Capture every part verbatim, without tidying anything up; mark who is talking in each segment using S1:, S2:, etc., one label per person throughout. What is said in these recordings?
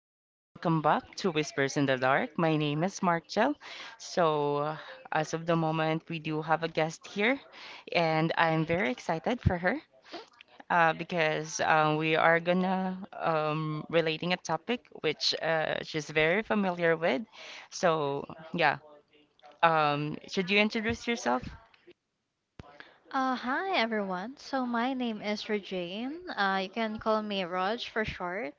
S1: um, welcome back to Whispers in the Dark. My name is Markel. So, uh, as of the moment, we do have a guest here, and I'm very excited for her uh, because uh, we are gonna um, relating a topic which uh, she's very familiar with. So, yeah, um, should you introduce yourself?
S2: Uh, hi everyone. So my name is Regine. Uh, you can call me Raj for short.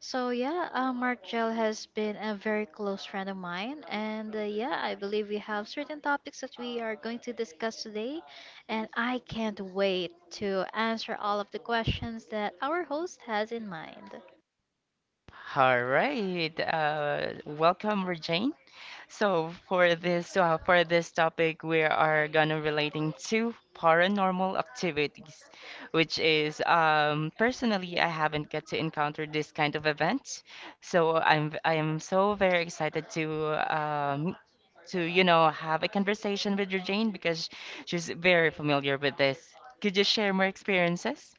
S2: So yeah, uh, Mark Gel has been a very close friend of mine, and uh, yeah, I believe we have certain topics that we are going to discuss today, and I can't wait to answer all of the questions that our host has in mind.
S1: All right, uh, welcome, Regine. So for this uh, for this topic, we are gonna relating to paranormal activities, which is um, personally I haven't get to encounter this kind of event, so I'm I am so very excited to um, to you know have a conversation with Regine because she's very familiar with this. Could you share more experiences?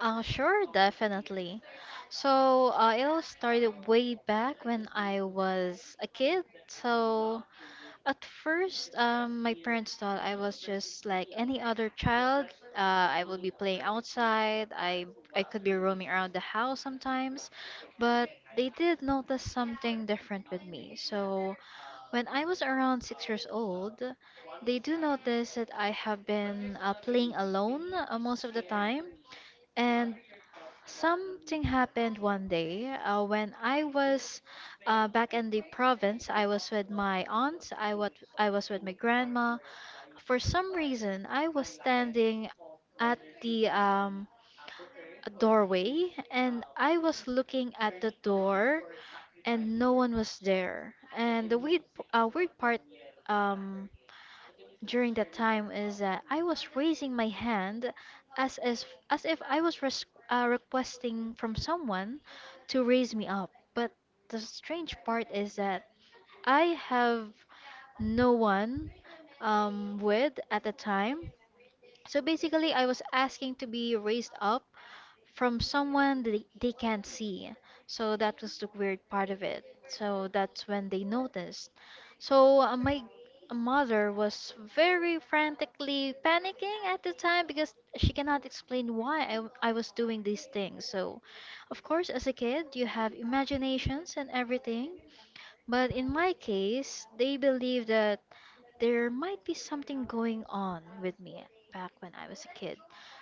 S2: Uh, sure, definitely. So uh, it all started way back when I was a kid. So at first, um, my parents thought I was just like any other child. Uh, I will be playing outside. I I could be roaming around the house sometimes, but they did notice something different with me. So when I was around six years old, they do notice that I have been uh, playing alone uh, most of the time. And something happened one day uh, when I was uh, back in the province. I was with my aunt. I was I was with my grandma. For some reason, I was standing at the um, doorway and I was looking at the door, and no one was there. And the weird uh, weird part um, during that time is that I was raising my hand as as as if I was res- uh, requesting from someone to raise me up. But the strange part is that I have no one um, with at the time. So basically, I was asking to be raised up from someone that they, they can't see. So that was the weird part of it. So that's when they noticed. So uh, my mother was very frantically panicking at the time because she cannot explain why I, w- I was doing these things. So, of course, as a kid, you have imaginations and everything. But in my case, they believe that there might be something going on with me back when I was a kid.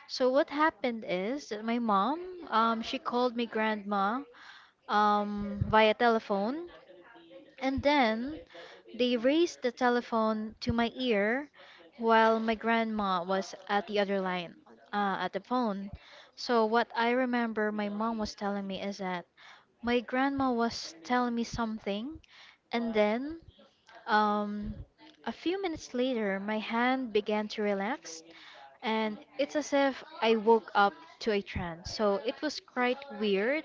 S2: So what happened is that my mom, um, she called me grandma um, via telephone and then they raised the telephone to my ear while my grandma was at the other line, uh, at the phone. So, what I remember my mom was telling me is that my grandma was telling me something, and then um, a few minutes later, my hand began to relax, and it's as if I woke up to a trance. So, it was quite weird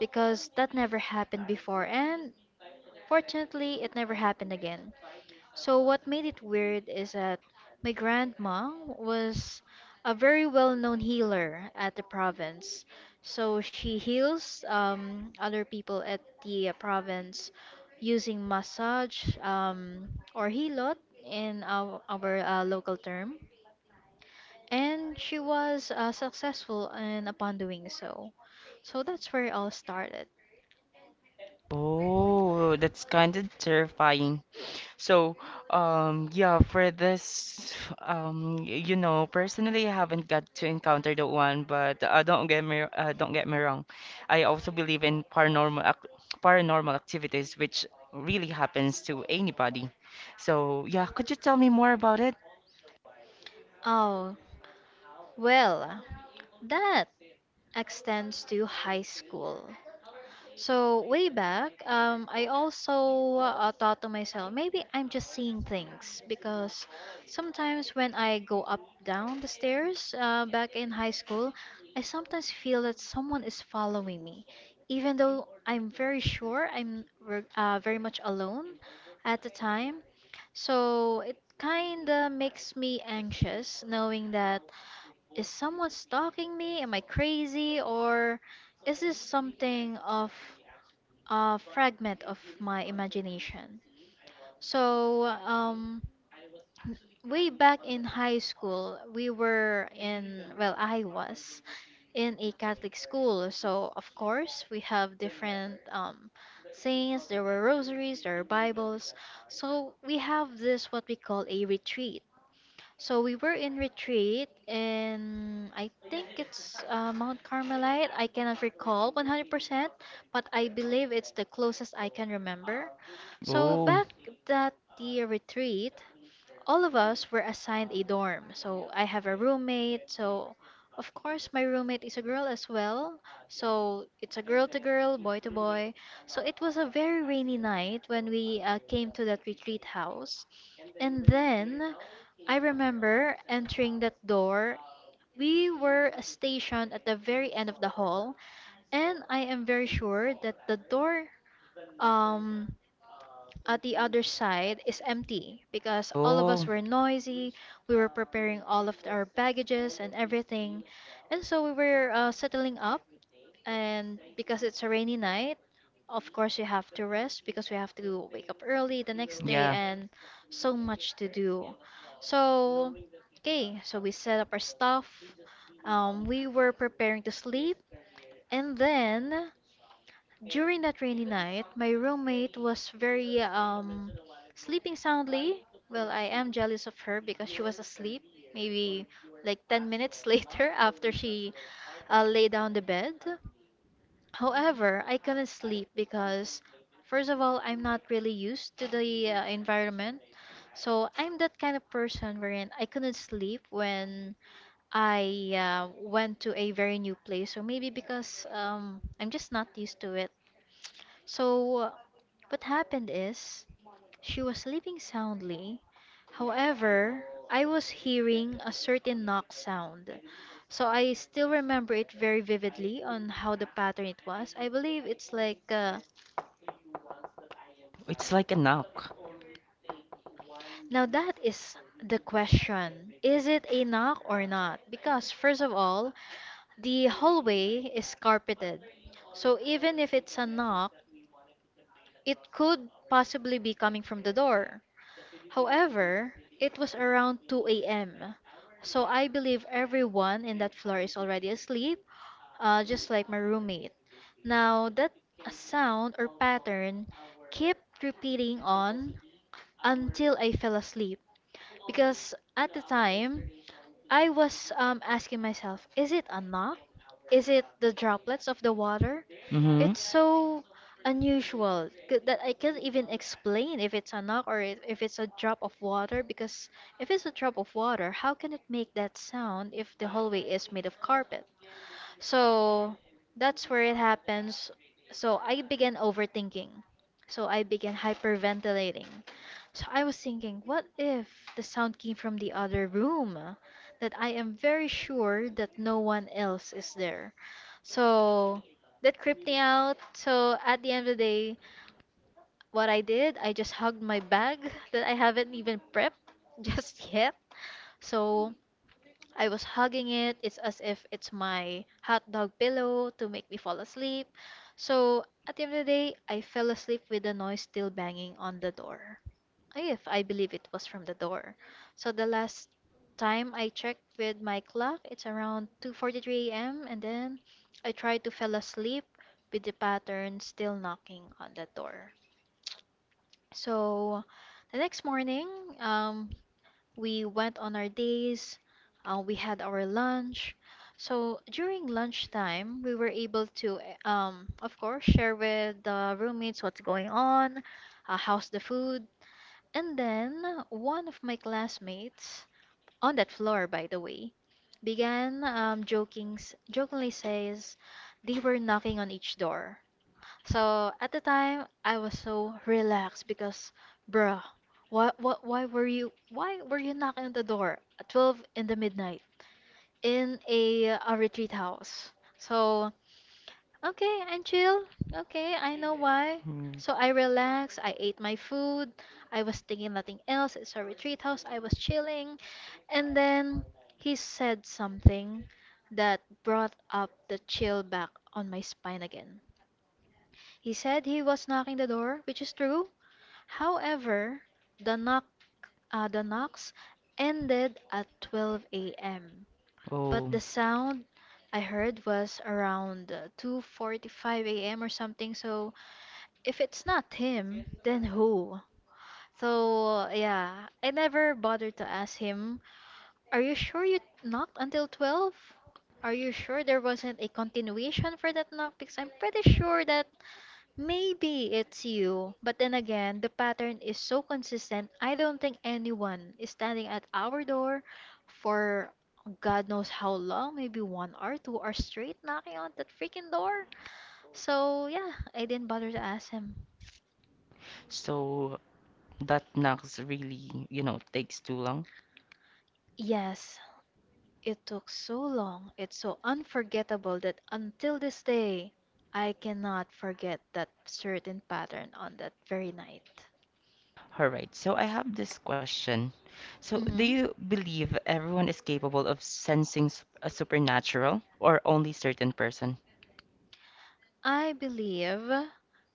S2: because that never happened before, and fortunately, it never happened again. So, what made it weird is that my grandma was a very well known healer at the province. So, she heals um, other people at the uh, province using massage, um, or hilot in our, our uh, local term. And she was uh, successful in upon doing so. So, that's where it all started.
S1: Oh, that's kind of terrifying. So, um, yeah, for this, um, y- you know, personally, I haven't got to encounter the one, but uh, don't get me, uh, don't get me wrong. I also believe in paranormal, ac paranormal activities, which really happens to anybody. So, yeah, could you tell me more about it?
S2: Oh, well, that extends to high school. So way back, um, I also uh, thought to myself, maybe I'm just seeing things because sometimes when I go up down the stairs uh, back in high school, I sometimes feel that someone is following me, even though I'm very sure I'm ver- uh, very much alone at the time. So it kind of makes me anxious knowing that, is someone stalking me? Am I crazy? Or is this something of a fragment of my imagination? So, um, way back in high school, we were in, well, I was in a Catholic school. So, of course, we have different um, saints, there were rosaries, there were Bibles. So, we have this what we call a retreat. So we were in retreat in I think it's uh, Mount Carmelite. I cannot recall one hundred percent, but I believe it's the closest I can remember. So
S1: Oh,
S2: back that the retreat, all of us were assigned a dorm. So I have a roommate. So of course my roommate is a girl as well. So it's a girl to girl, boy to boy. So it was a very rainy night when we uh, came to that retreat house. And then I remember entering that door. We were stationed at the very end of the hall, and I am very sure that the door um at the other side is empty because all of us
S1: oh,
S2: were noisy. We were preparing all of our baggages and everything. And so we were uh, settling up. And because it's a rainy night, of course, you have to rest because we have to wake up early the next day
S1: yeah,
S2: and so much to do. So, okay, so we set up our stuff. Um, we were preparing to sleep. And then during that rainy night, my roommate was very um sleeping soundly. Well, I am jealous of her because she was asleep maybe like ten minutes later after she uh, lay down the bed. However, I couldn't sleep because first of all, I'm not really used to the uh, environment. So, I'm that kind of person wherein I couldn't sleep when I uh, went to a very new place, or maybe because um, I'm just not used to it. So, what happened is she was sleeping soundly. However, I was hearing a certain knock sound. So I still remember it very vividly on how the pattern it was. I believe it's like uh,
S1: it's like a knock.
S2: now that is the question. Is it a knock or not? Because first of all, the hallway is carpeted. So even if it's a knock, it could possibly be coming from the door. However, it was around two a m, so I believe everyone in that floor is already asleep, uh, just like my roommate. Now, that sound or pattern kept repeating on until I fell asleep because at the time I was um, asking myself, is it a knock? Is it the droplets of the water?
S1: Mm-hmm.
S2: It's so unusual c- that I can't even explain if it's a knock or if if it's a drop of water because if it's a drop of water, how can it make that sound if the hallway is made of carpet? So that's where it happens. So I began overthinking. So I began hyperventilating. So I was thinking, what if the sound came from the other room? That I am very sure that no one else is there. So that creeped me out. So at the end of the day, what I did, I just hugged my bag that I haven't even prepped just yet. So I was hugging it. It's as if it's my hot dog pillow to make me fall asleep. So at the end of the day, I fell asleep with the noise still banging on the door. If I believe it was from the door. So the last time I checked with my clock, it's around two forty-three a m and then I tried to fell asleep with the pattern still knocking on the door. So the next morning, um, we went on our days, uh, we had our lunch. So during lunchtime, we were able to, eh, um, of course, share with the roommates what's going on, uh, how's the food. And then one of my classmates, on that floor, by the way, began um, joking, s- jokingly says they were knocking on each door. So at the time, I was so relaxed because, bruh, why, why, why were you, why were you knocking on the door at twelve in the midnight in a, a retreat house? So, okay, I'm chill. Okay, I know why.
S1: Mm.
S2: So I relaxed. I ate my food. I was thinking nothing else. It's a retreat house. I was chilling. And then he said something that brought up the chill back on my spine again. He said he was knocking the door, which is true. However, the knock uh, the knocks ended at twelve a m. But
S1: Oh,
S2: the sound I heard was around uh, two forty-five a m or something. So if it's not him, then who? So yeah, I never bothered to ask him. Are you sure you knocked until twelve? Are you sure there wasn't a continuation for that knock? Because I'm pretty sure that maybe it's you, but then again, the pattern is so consistent. I don't think anyone is standing at our door for God knows how long, maybe one hour, two hours straight, knocking on that freaking door. So, yeah, I didn't bother to ask him.
S1: so that knocks really, you know, takes too long.
S2: Yes, it took so long. It's so unforgettable that until this day, I cannot forget that certain pattern on that very night.
S1: All right. So I have this question. So, do
S2: Hmm,
S1: you believe everyone is capable of sensing s- a supernatural, or only certain person?
S2: I believe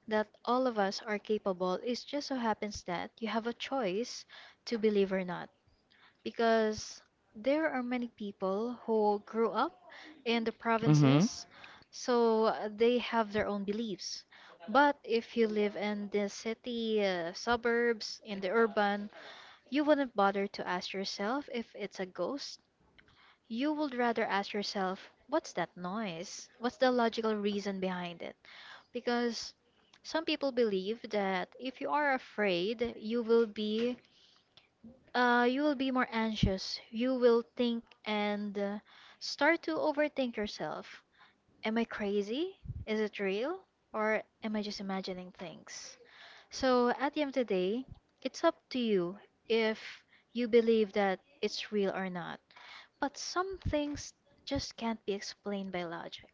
S2: that all of us are capable. It just so happens that you have a choice to believe or not because there are many people who grew up in the
S1: Mm-hmm.
S2: provinces, so uh, they have their own beliefs. But if you live in the city, uh, suburbs, in the urban, you wouldn't bother to ask yourself if it's a ghost. You would rather ask yourself, what's that noise? What's the logical reason behind it? Because some people believe that if you are afraid, you will be uh, you will be more anxious. You will think and uh, start to overthink yourself. Am I crazy? Is it real? Or am I just imagining things? So at the end of the day, it's up to you if you believe that it's real or not. But some things just can't be explained by logic.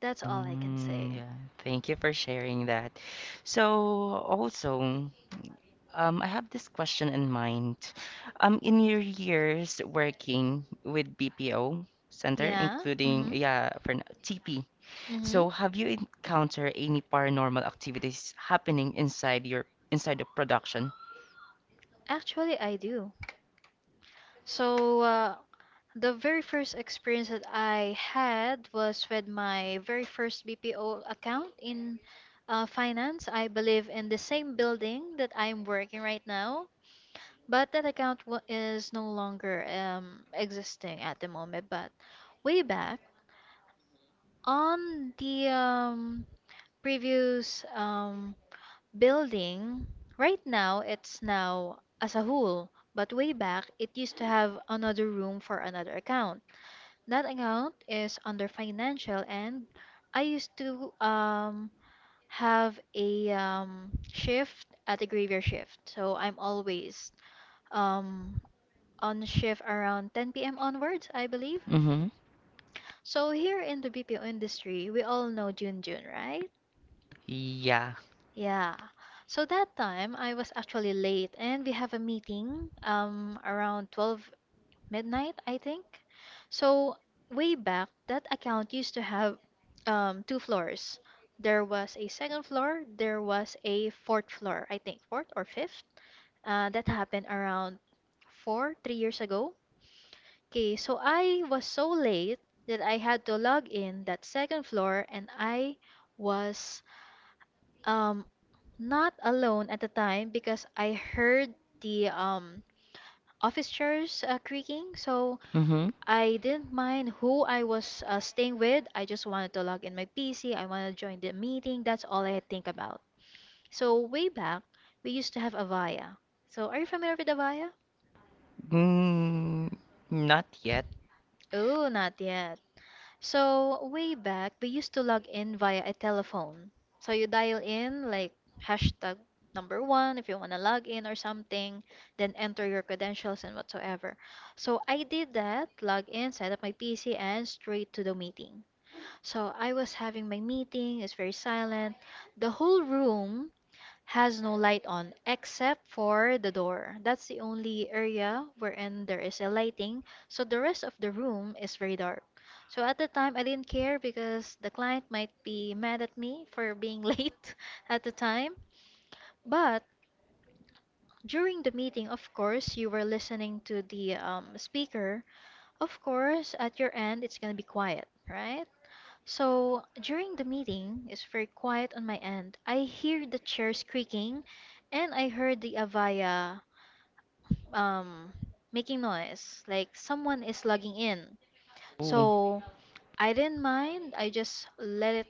S2: That's all I can
S1: Mm,
S2: say.
S1: yeah. Thank you for sharing that. So, also, um, I have this question in mind. Um, in your years working with B P O Center,
S2: Yeah? Mm hmm.
S1: including, yeah, for n- T P.
S2: Mm hmm.
S1: So, have you encountered any paranormal activities happening inside your inside the production?
S2: Actually, I do. So, uh, the very first experience that I had was with my very first B P O account in uh, finance. I believe in the same building that I'm working right now, but that account wa is no longer um, existing at the moment. But way back on the um, previous um, building right now it's now as a whole, but way back it used to have another room for another account. That account is under financial, and I used to um have a um shift at a graveyard shift, so I'm always um on shift around ten p.m onwards, I believe.
S1: Mhm.
S2: So here in the B P O industry, we all know Jun Jun, right?
S1: Yeah.
S2: Yeah. So that time I was actually late and we have a meeting um around twelve midnight, I think. So way back, that account used to have um two floors. There was a second floor, there was a fourth floor, I think, fourth or fifth. Uh, that happened around four, three years ago. Okay, so I was so late that I had to log in that second floor, and I was um, not alone at the time because I heard the um office chairs uh, creaking, so
S1: Mhm.
S2: I didn't mind who I was uh, staying with. I just wanted to log in my P C. I wanted to join the meeting. That's all I think about. So way back, we used to have Avaya. So are you familiar with Avaya?
S1: Mm, not yet.
S2: Oh, not yet. So way back, we used to log in via a telephone. So you dial in like hashtag number one if you want to log in or something, then enter your credentials and whatsoever. So I did that, log in, set up my P C, and straight to the meeting. So I was having my meeting, it's very silent. The whole room has no light on except for the door. That's the only area wherein there is a lighting. So the rest of the room is very dark. So at the time, I didn't care because the client might be mad at me for being late at the time. But during the meeting, of course, you were listening to the um, speaker. Of course, at your end, it's going to be quiet, right? So during the meeting, it's very quiet on my end. I hear the chairs creaking, and I heard the Avaya um making noise, like someone is logging in.
S1: Ooh.
S2: So I didn't mind. I just let it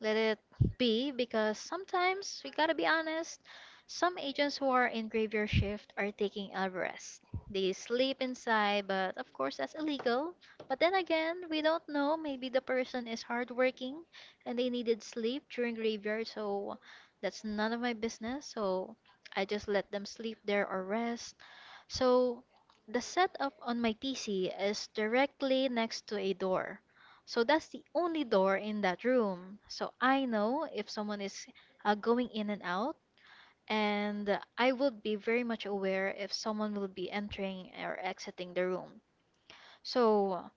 S2: let it be because sometimes we gotta be honest. Some agents who are in graveyard shift are taking a rest. They sleep inside, but of course that's illegal. But then again, we don't know. Maybe the person is hardworking and they needed sleep during graveyard, so that's none of my business. So I just let them sleep there or rest. So the setup on my P C is directly next to a door. So that's the only door in that room. So I know if someone is uh, going in and out, and I would be very much aware if someone will be entering or exiting the room. So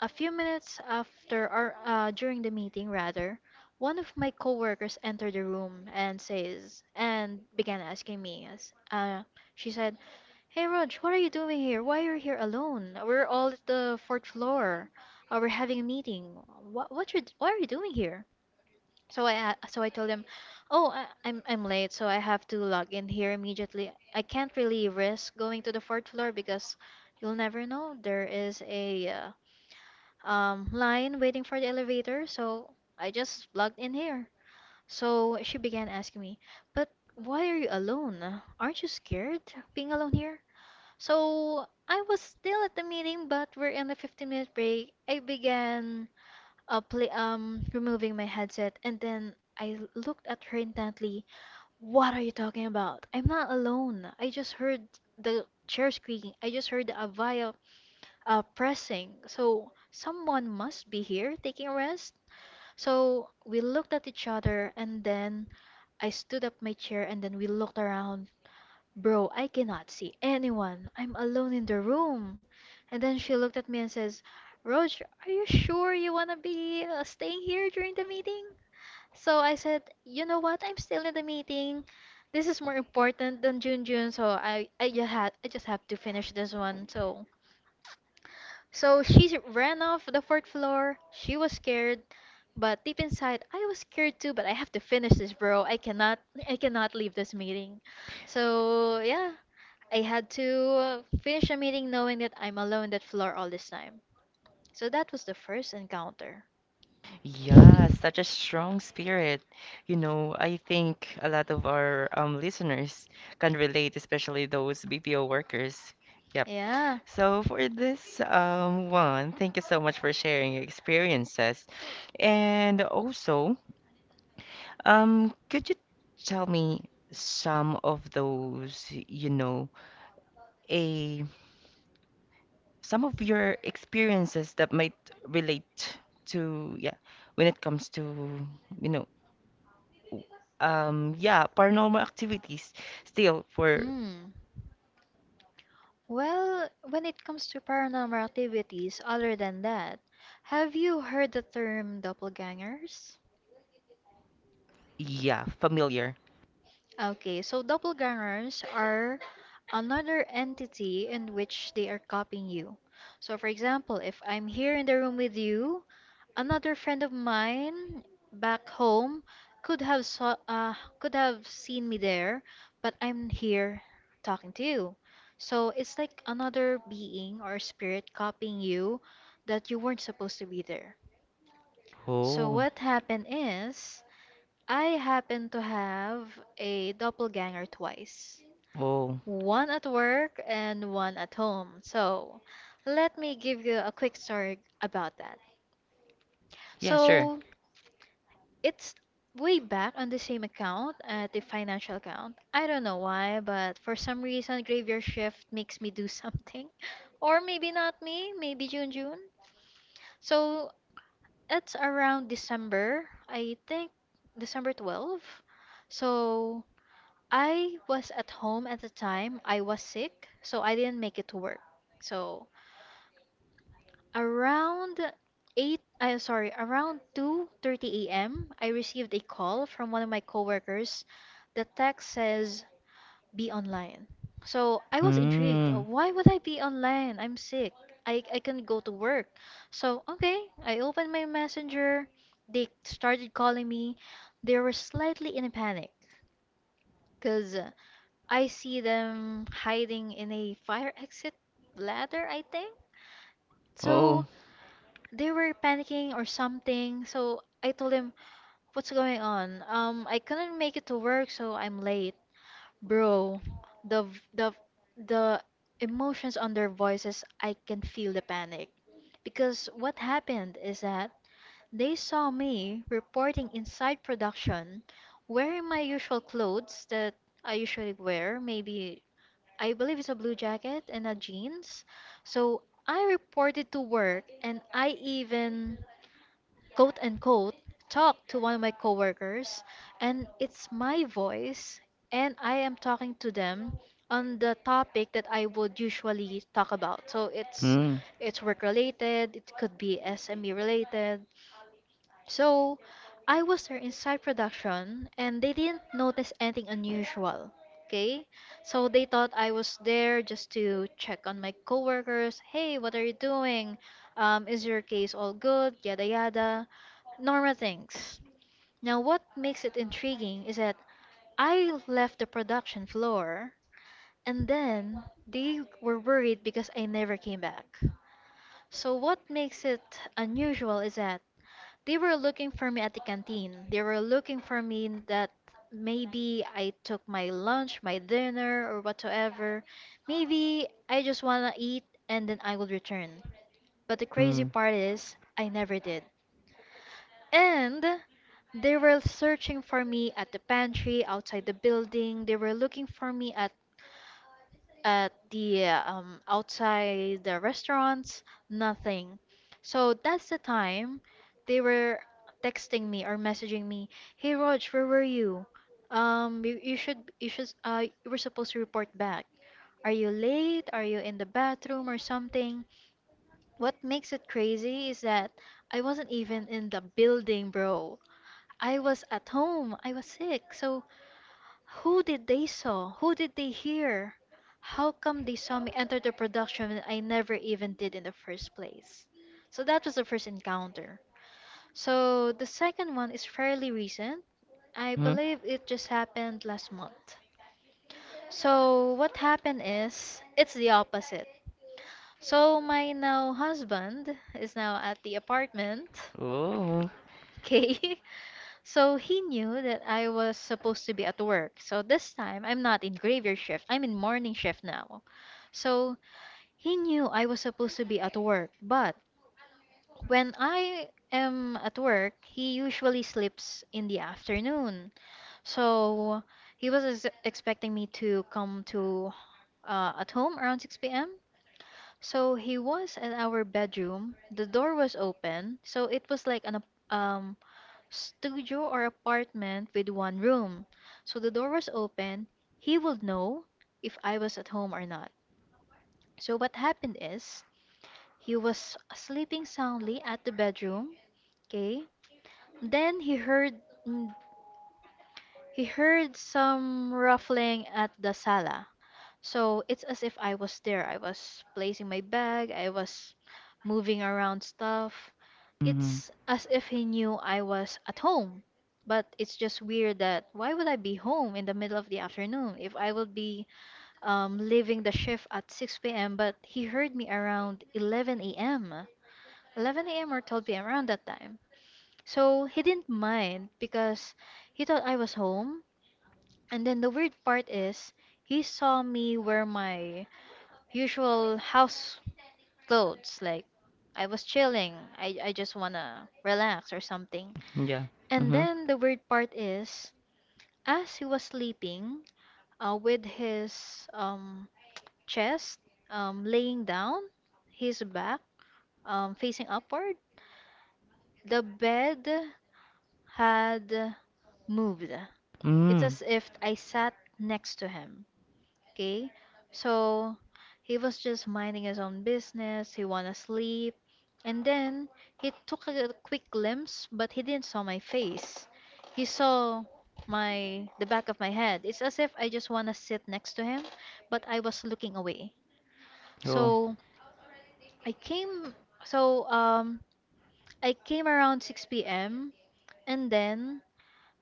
S2: a few minutes after or uh, during the meeting rather, one of my coworkers entered the room and says and began asking me as uh, she said, "Hey Rog, what are you doing here? Why are you here alone? We're all at the fourth floor. Uh, we're having a meeting. What what you what are you doing here?" So I a- so I told him, "Oh, I, I'm I'm late, so I have to log in here immediately. I can't really risk going to the fourth floor because you'll never know. There is a uh, um line waiting for the elevator, so I just logged in here." So she began asking me, "But why are you alone? Aren't you scared being alone here?" So I was still at the meeting, but we're in a fifteen minute break. I began uh, play, um, removing my headset and then I l- looked at her intently. "What are you talking about? I'm not alone. I just heard the chair squeaking. I just heard the Avaya uh, pressing. So someone must be here taking a rest." So we looked at each other, and then I stood up my chair and then we looked around. "Bro, I cannot see anyone. I'm alone in the room." And then she looked at me and says, "Roj, are you sure you want to be uh, staying here during the meeting?" So I said, "You know what? I'm still in the meeting. This is more important than Jun Jun, so I I just had I just have to finish this one." So so she ran off the fourth floor. She was scared, but deep inside I was scared too, but I have to finish this, bro. I cannot I cannot leave this meeting. So, yeah, I had to uh, finish a meeting knowing that I'm alone that floor all this time. So that was the first encounter.
S1: Yeah, such a strong spirit. You know, I think a lot of our um, listeners can relate, especially those B P O workers. Yep.
S2: Yeah.
S1: So for this um, one, thank you so much for sharing your experiences. And also, um, could you tell me some of those, you know, a some of your experiences that might relate to, yeah, when it comes to, you know um yeah, paranormal activities, still for.
S2: Hmm. Well, when it comes to paranormal activities, other than that, have you heard the term doppelgangers?
S1: Yeah, familiar.
S2: Okay, so doppelgangers are another entity in which they are copying you. So, for example, if I'm here in the room with you, another friend of mine back home could have saw, uh, could have seen me there, but I'm here talking to you. So it's like another being or spirit copying you that you weren't supposed to be there. So
S1: Oh.
S2: what happened is I happen to have a doppelganger twice.
S1: Oh,
S2: One at work and one at home. So let me give you a quick story about that.
S1: yeah. Sure.
S2: So, it's way back on the same account, at the financial account. I don't know why, but for some reason, graveyard shift makes me do something. Or maybe not me, maybe June June. So it's around December, I think December twelfth. So I was at home at the time. I was sick, so I didn't make it to work. So around eight, I sorry, around two thirty a m, I received a call from one of my coworkers. The text says, "Be online." So I was intrigued. Oh,
S1: Hmm.
S2: why would I be online? I'm sick. I I can not go to work. So okay, I opened my messenger. They started calling me. They were slightly in a panic because I see them hiding in a fire exit ladder, I think. So
S1: Oh.
S2: they were panicking or something. So I told him, "What's going on? Um, I couldn't make it to work, so I'm late, bro." The v- the the emotions on their voices, I can feel the panic because what happened is that they saw me reporting inside production, wearing my usual clothes that I usually wear. Maybe, I believe, it's a blue jacket and a jeans. So I reported to work and I even, quote unquote, talked to one of my coworkers, and it's my voice and I am talking to them on the topic that I would usually talk about. So it's
S1: Hmm.
S2: it's work related, it could be S M E related. So I was there inside production and they didn't notice anything unusual. Okay? So they thought I was there just to check on my coworkers. "Hey, what are you doing? Um, is your case all good? Yada yada." Normal things. Now, what makes it intriguing is that I left the production floor and then they were worried because I never came back. So what makes it unusual is that they were looking for me at the canteen. They were looking for me in that, maybe I took my lunch, my dinner, or whatsoever. Maybe I just wanna eat and then I will return. But the crazy
S1: Hmm.
S2: part is, I never did. And they were searching for me at the pantry outside the building. They were looking for me at at the um, outside the restaurants, nothing. So that's the time they were texting me or messaging me, "Hey Rog, where were you? Um, you, you should you should uh you were supposed to report back. Are you late? Are you in the bathroom or something?" What makes it crazy is that I wasn't even in the building, bro. I was at home. I was sick. So who did they saw? Who did they hear? How come they saw me enter the production when I never even did in the first place? So that was the first encounter. So the second one is fairly recent. I
S1: Hmm.
S2: believe it just happened last month. So what happened is it's the opposite. So my now husband is now at the apartment.
S1: Oh.
S2: Okay. So he knew that I was supposed to be at work. So this time, I'm not in graveyard shift, I'm in morning shift now. So he knew I was supposed to be at work. But when I am at work, he usually sleeps in the afternoon. So he was ex- expecting me to come to uh, at home around six p m. So he was at our bedroom. The door was open, so it was like an ap- um studio or apartment with one room. So the door was open. He would know if I was at home or not. So what happened is he was sleeping soundly at the bedroom. Okay. Then he heard mm, he heard some ruffling at the sala. So it's as if I was there. I was placing my bag, I was moving around stuff.
S1: Hmm.
S2: It's as if he knew I was at home. But it's just weird that why would I be home in the middle of the afternoon if I would be um, leaving the shift at six p m. But he heard me around eleven a m eleven a m or twelve p m around that time. So he didn't mind because he thought I was home. And then the weird part is he saw me wear my usual house clothes. Like I was chilling. I, I just wanna relax or something.
S1: Yeah.
S2: And
S1: Hmm.
S2: then the weird part is, as he was sleeping, uh, with his um chest um laying down, his back um facing upward, the bed had moved. It's
S1: Hmm.
S2: as if I sat next to him. Okay, so he was just minding his own business. He wanna sleep, and then he took a quick glimpse, but he didn't saw my face. He saw my the back of my head. It's as if I just wanna sit next to him, but I was looking away.
S1: Oh.
S2: So I came. So um, I came around six p m and then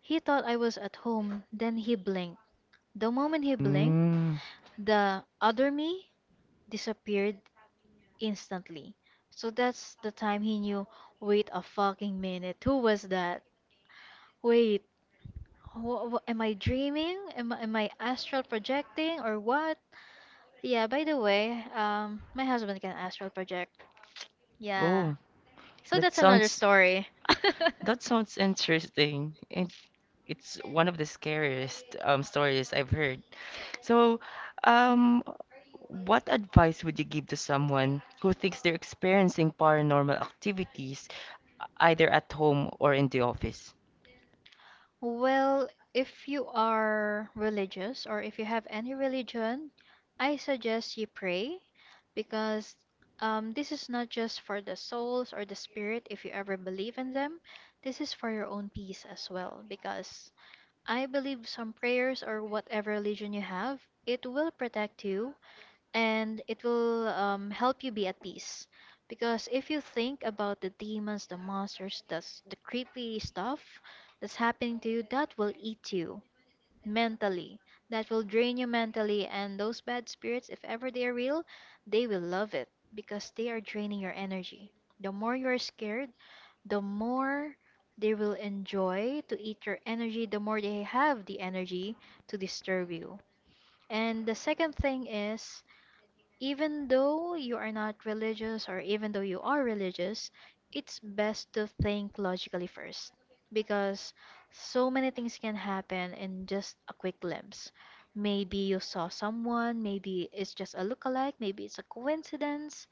S2: he thought I was at home. Then he blinked. The moment he blinked,
S1: Hmm.
S2: the other me disappeared instantly. So that's the time he knew, wait a fucking minute, who was that? Wait, wh- wh- am I dreaming? Am, I- am I astral projecting or what? Yeah, by the way, um, my husband can astral project. Yeah.
S1: Oh.
S2: So
S1: that
S2: that's another
S1: sounds
S2: story.
S1: that sounds interesting. It's one of the scariest um, stories I've heard. So, um, what advice would you give to someone who thinks they're experiencing paranormal activities, e-, either at home or in the office?
S2: Well, if you are religious or if you have any religion, I suggest you pray because um, this is not just for the souls or the spirit if you ever believe in them. This is for your own peace as well because I believe some prayers or whatever religion you have, it will protect you and it will um, help you be at peace. Because if you think about the demons, the monsters, the, s- the creepy stuff that's happening to you, that will eat you mentally. That will drain you mentally. And those bad spirits, if ever they are real, they will love it because they are draining your energy. The more you are scared, the more they will enjoy to eat your energy, the more they have the energy to disturb you. And the second thing is even though you are not religious, or even though you are religious, it's best to think logically first because so many things can happen in just a quick glimpse. Maybe you saw someone, maybe it's just a lookalike, maybe it's a coincidence.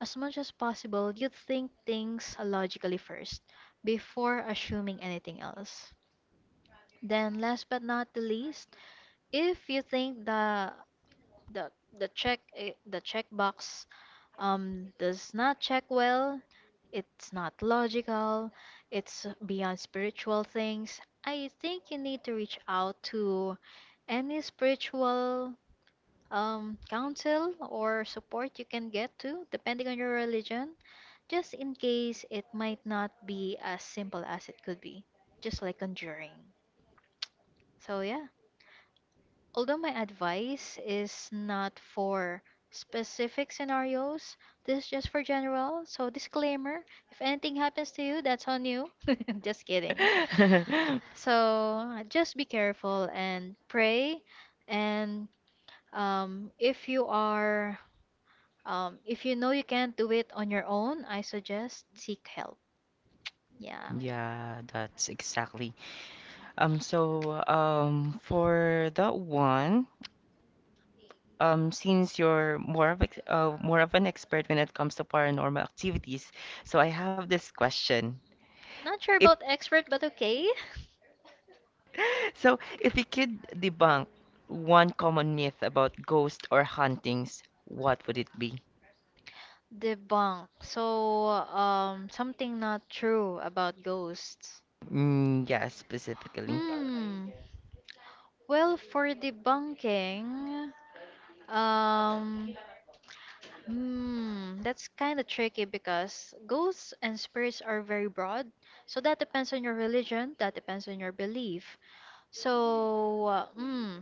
S2: As much as possible, you think things logically first before assuming anything else. Then, last but not the least, if you think the the the check i- the checkbox um does not check well, it's not logical, it's beyond spiritual things. I think you need to reach out to any spiritual um counsel or support you can get to, depending on your religion, just in case it might not be as simple as it could be, just like conjuring. So yeah, although my advice is not for specific scenarios, this is just for general. So, disclaimer, if anything happens to you, that's on you. Just kidding. So, just be careful and pray. And um, if you are, um, if you know you can't do it on your own, I suggest seek help. Yeah.
S1: Yeah, that's exactly. Um, so um, for that one, um, since you're more of ex uh, more of an expert when it comes to paranormal activities, so I have this question.
S2: Not sure
S1: If
S2: about expert, but okay.
S1: So, if you could debunk one common myth about ghosts or hauntings, what would it be?
S2: Debunk. So, um, something not true about ghosts.
S1: Mm, yeah, specifically.
S2: Hmm. Well, for debunking, um, hmm, that's kind of tricky because ghosts and spirits are very broad. So that depends on your religion, that depends on your belief. So, uh, hmm,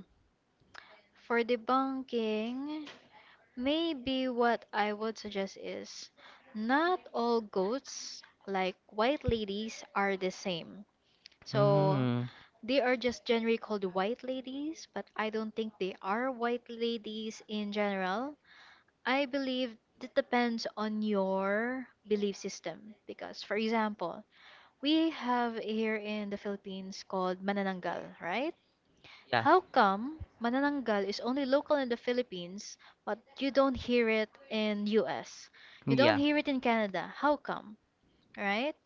S2: for debunking, maybe what I would suggest is not all ghosts, like white ladies, are the same. So
S1: Mm,
S2: they are just generally called white ladies, but I don't think they are white ladies in general. I believe it depends on your belief system because, for example, we have here in the Philippines called manananggal, right?
S1: yeah.
S2: How come manananggal is only local in the Philippines, but you don't hear it in U S? You don't
S1: Yeah.
S2: hear it in Canada. How come? Right?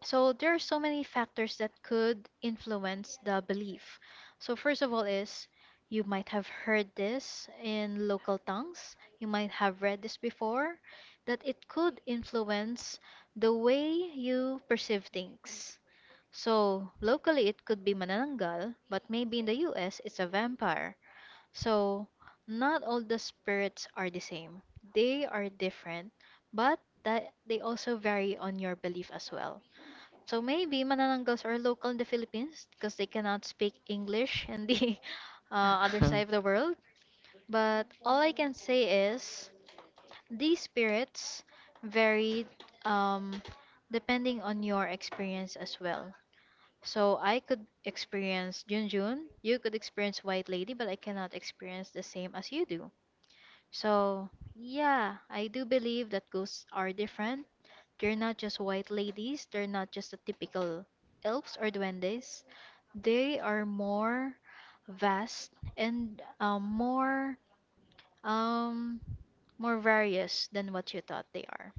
S2: So there are so many factors that could influence the belief. So first of all is you might have heard this in local tongues, you might have read this before, that it could influence the way you perceive things. So locally it could be manananggal, but maybe in the U S it's a vampire. So not all the spirits are the same. They are different, but that they also vary on your belief as well. So maybe Manananggals are local in the Philippines because they cannot speak English in the uh, other side of the world. But all I can say is these spirits vary um, depending on your experience as well. So I could experience Junjun, you could experience White Lady, but I cannot experience the same as you do. So yeah, I do believe that ghosts are different. They're not just white ladies, they're not just the typical elves or duendes. They are more vast and um, more um more various than what you thought they are.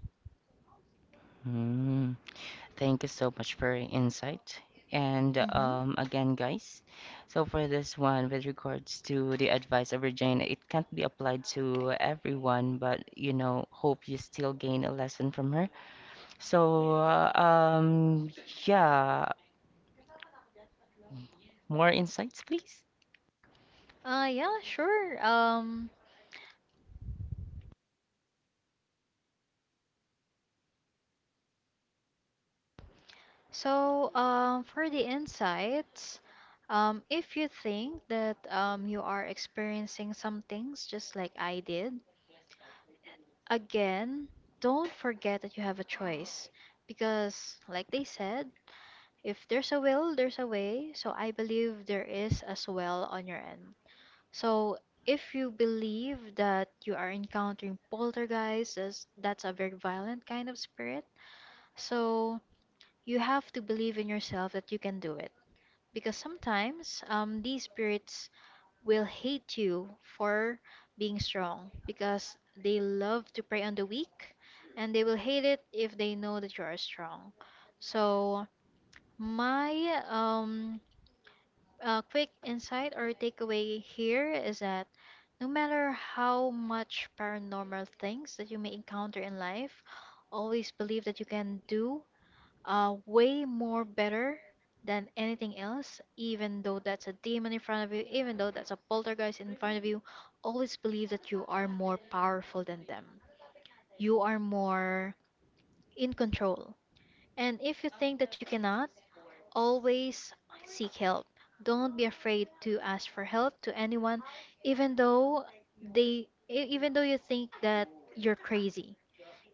S1: Mm, thank you so much for your insight. And
S2: Mhm.
S1: um, again, guys, so for this one, with regards to the advice of Regina, it can't be applied to everyone, but you know, hope you still gain a lesson from her. So, uh, um, yeah, more insights, please.
S2: Uh, yeah, sure. Um, so, um, for the insights, um, if you think that um, you are experiencing some things just like I did, again, don't forget that you have a choice because, like they said, if there's a will, there's a way. So I believe there is as well on your end. So if you believe that you are encountering poltergeists, as that's a very violent kind of spirit. So you have to believe in yourself that you can do it because sometimes um, these spirits will hate you for being strong because they love to prey on the weak and they will hate it if they know that you are strong. So, my um, uh, quick insight or takeaway here is that no matter how much paranormal things that you may encounter in life, always believe that you can do uh, way more better than anything else, even though that's a demon in front of you, even though that's a poltergeist in front of you, always believe that you are more powerful than them. You are more in control. And if you think that you cannot, always seek help. Don't be afraid to ask for help to anyone, even though they, e- even though you think that you're crazy.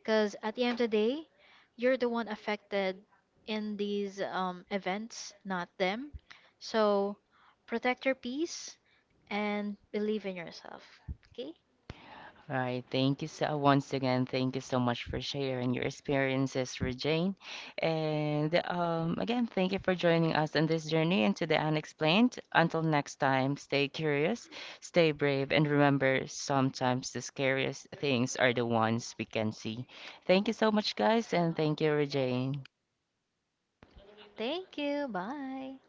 S2: Because at the end of the day, you're the one affected in these um, events, not them. So protect your peace and believe in yourself. Okay?
S1: All right, thank you so once again. Thank you so much for sharing your experiences, Regine. And um, again, thank you for joining us on this journey into the unexplained. Until next time, stay curious, stay brave, and remember, sometimes the scariest things are the ones we can see. Thank you so much, guys, and thank you, Regine.
S2: Thank you. Bye.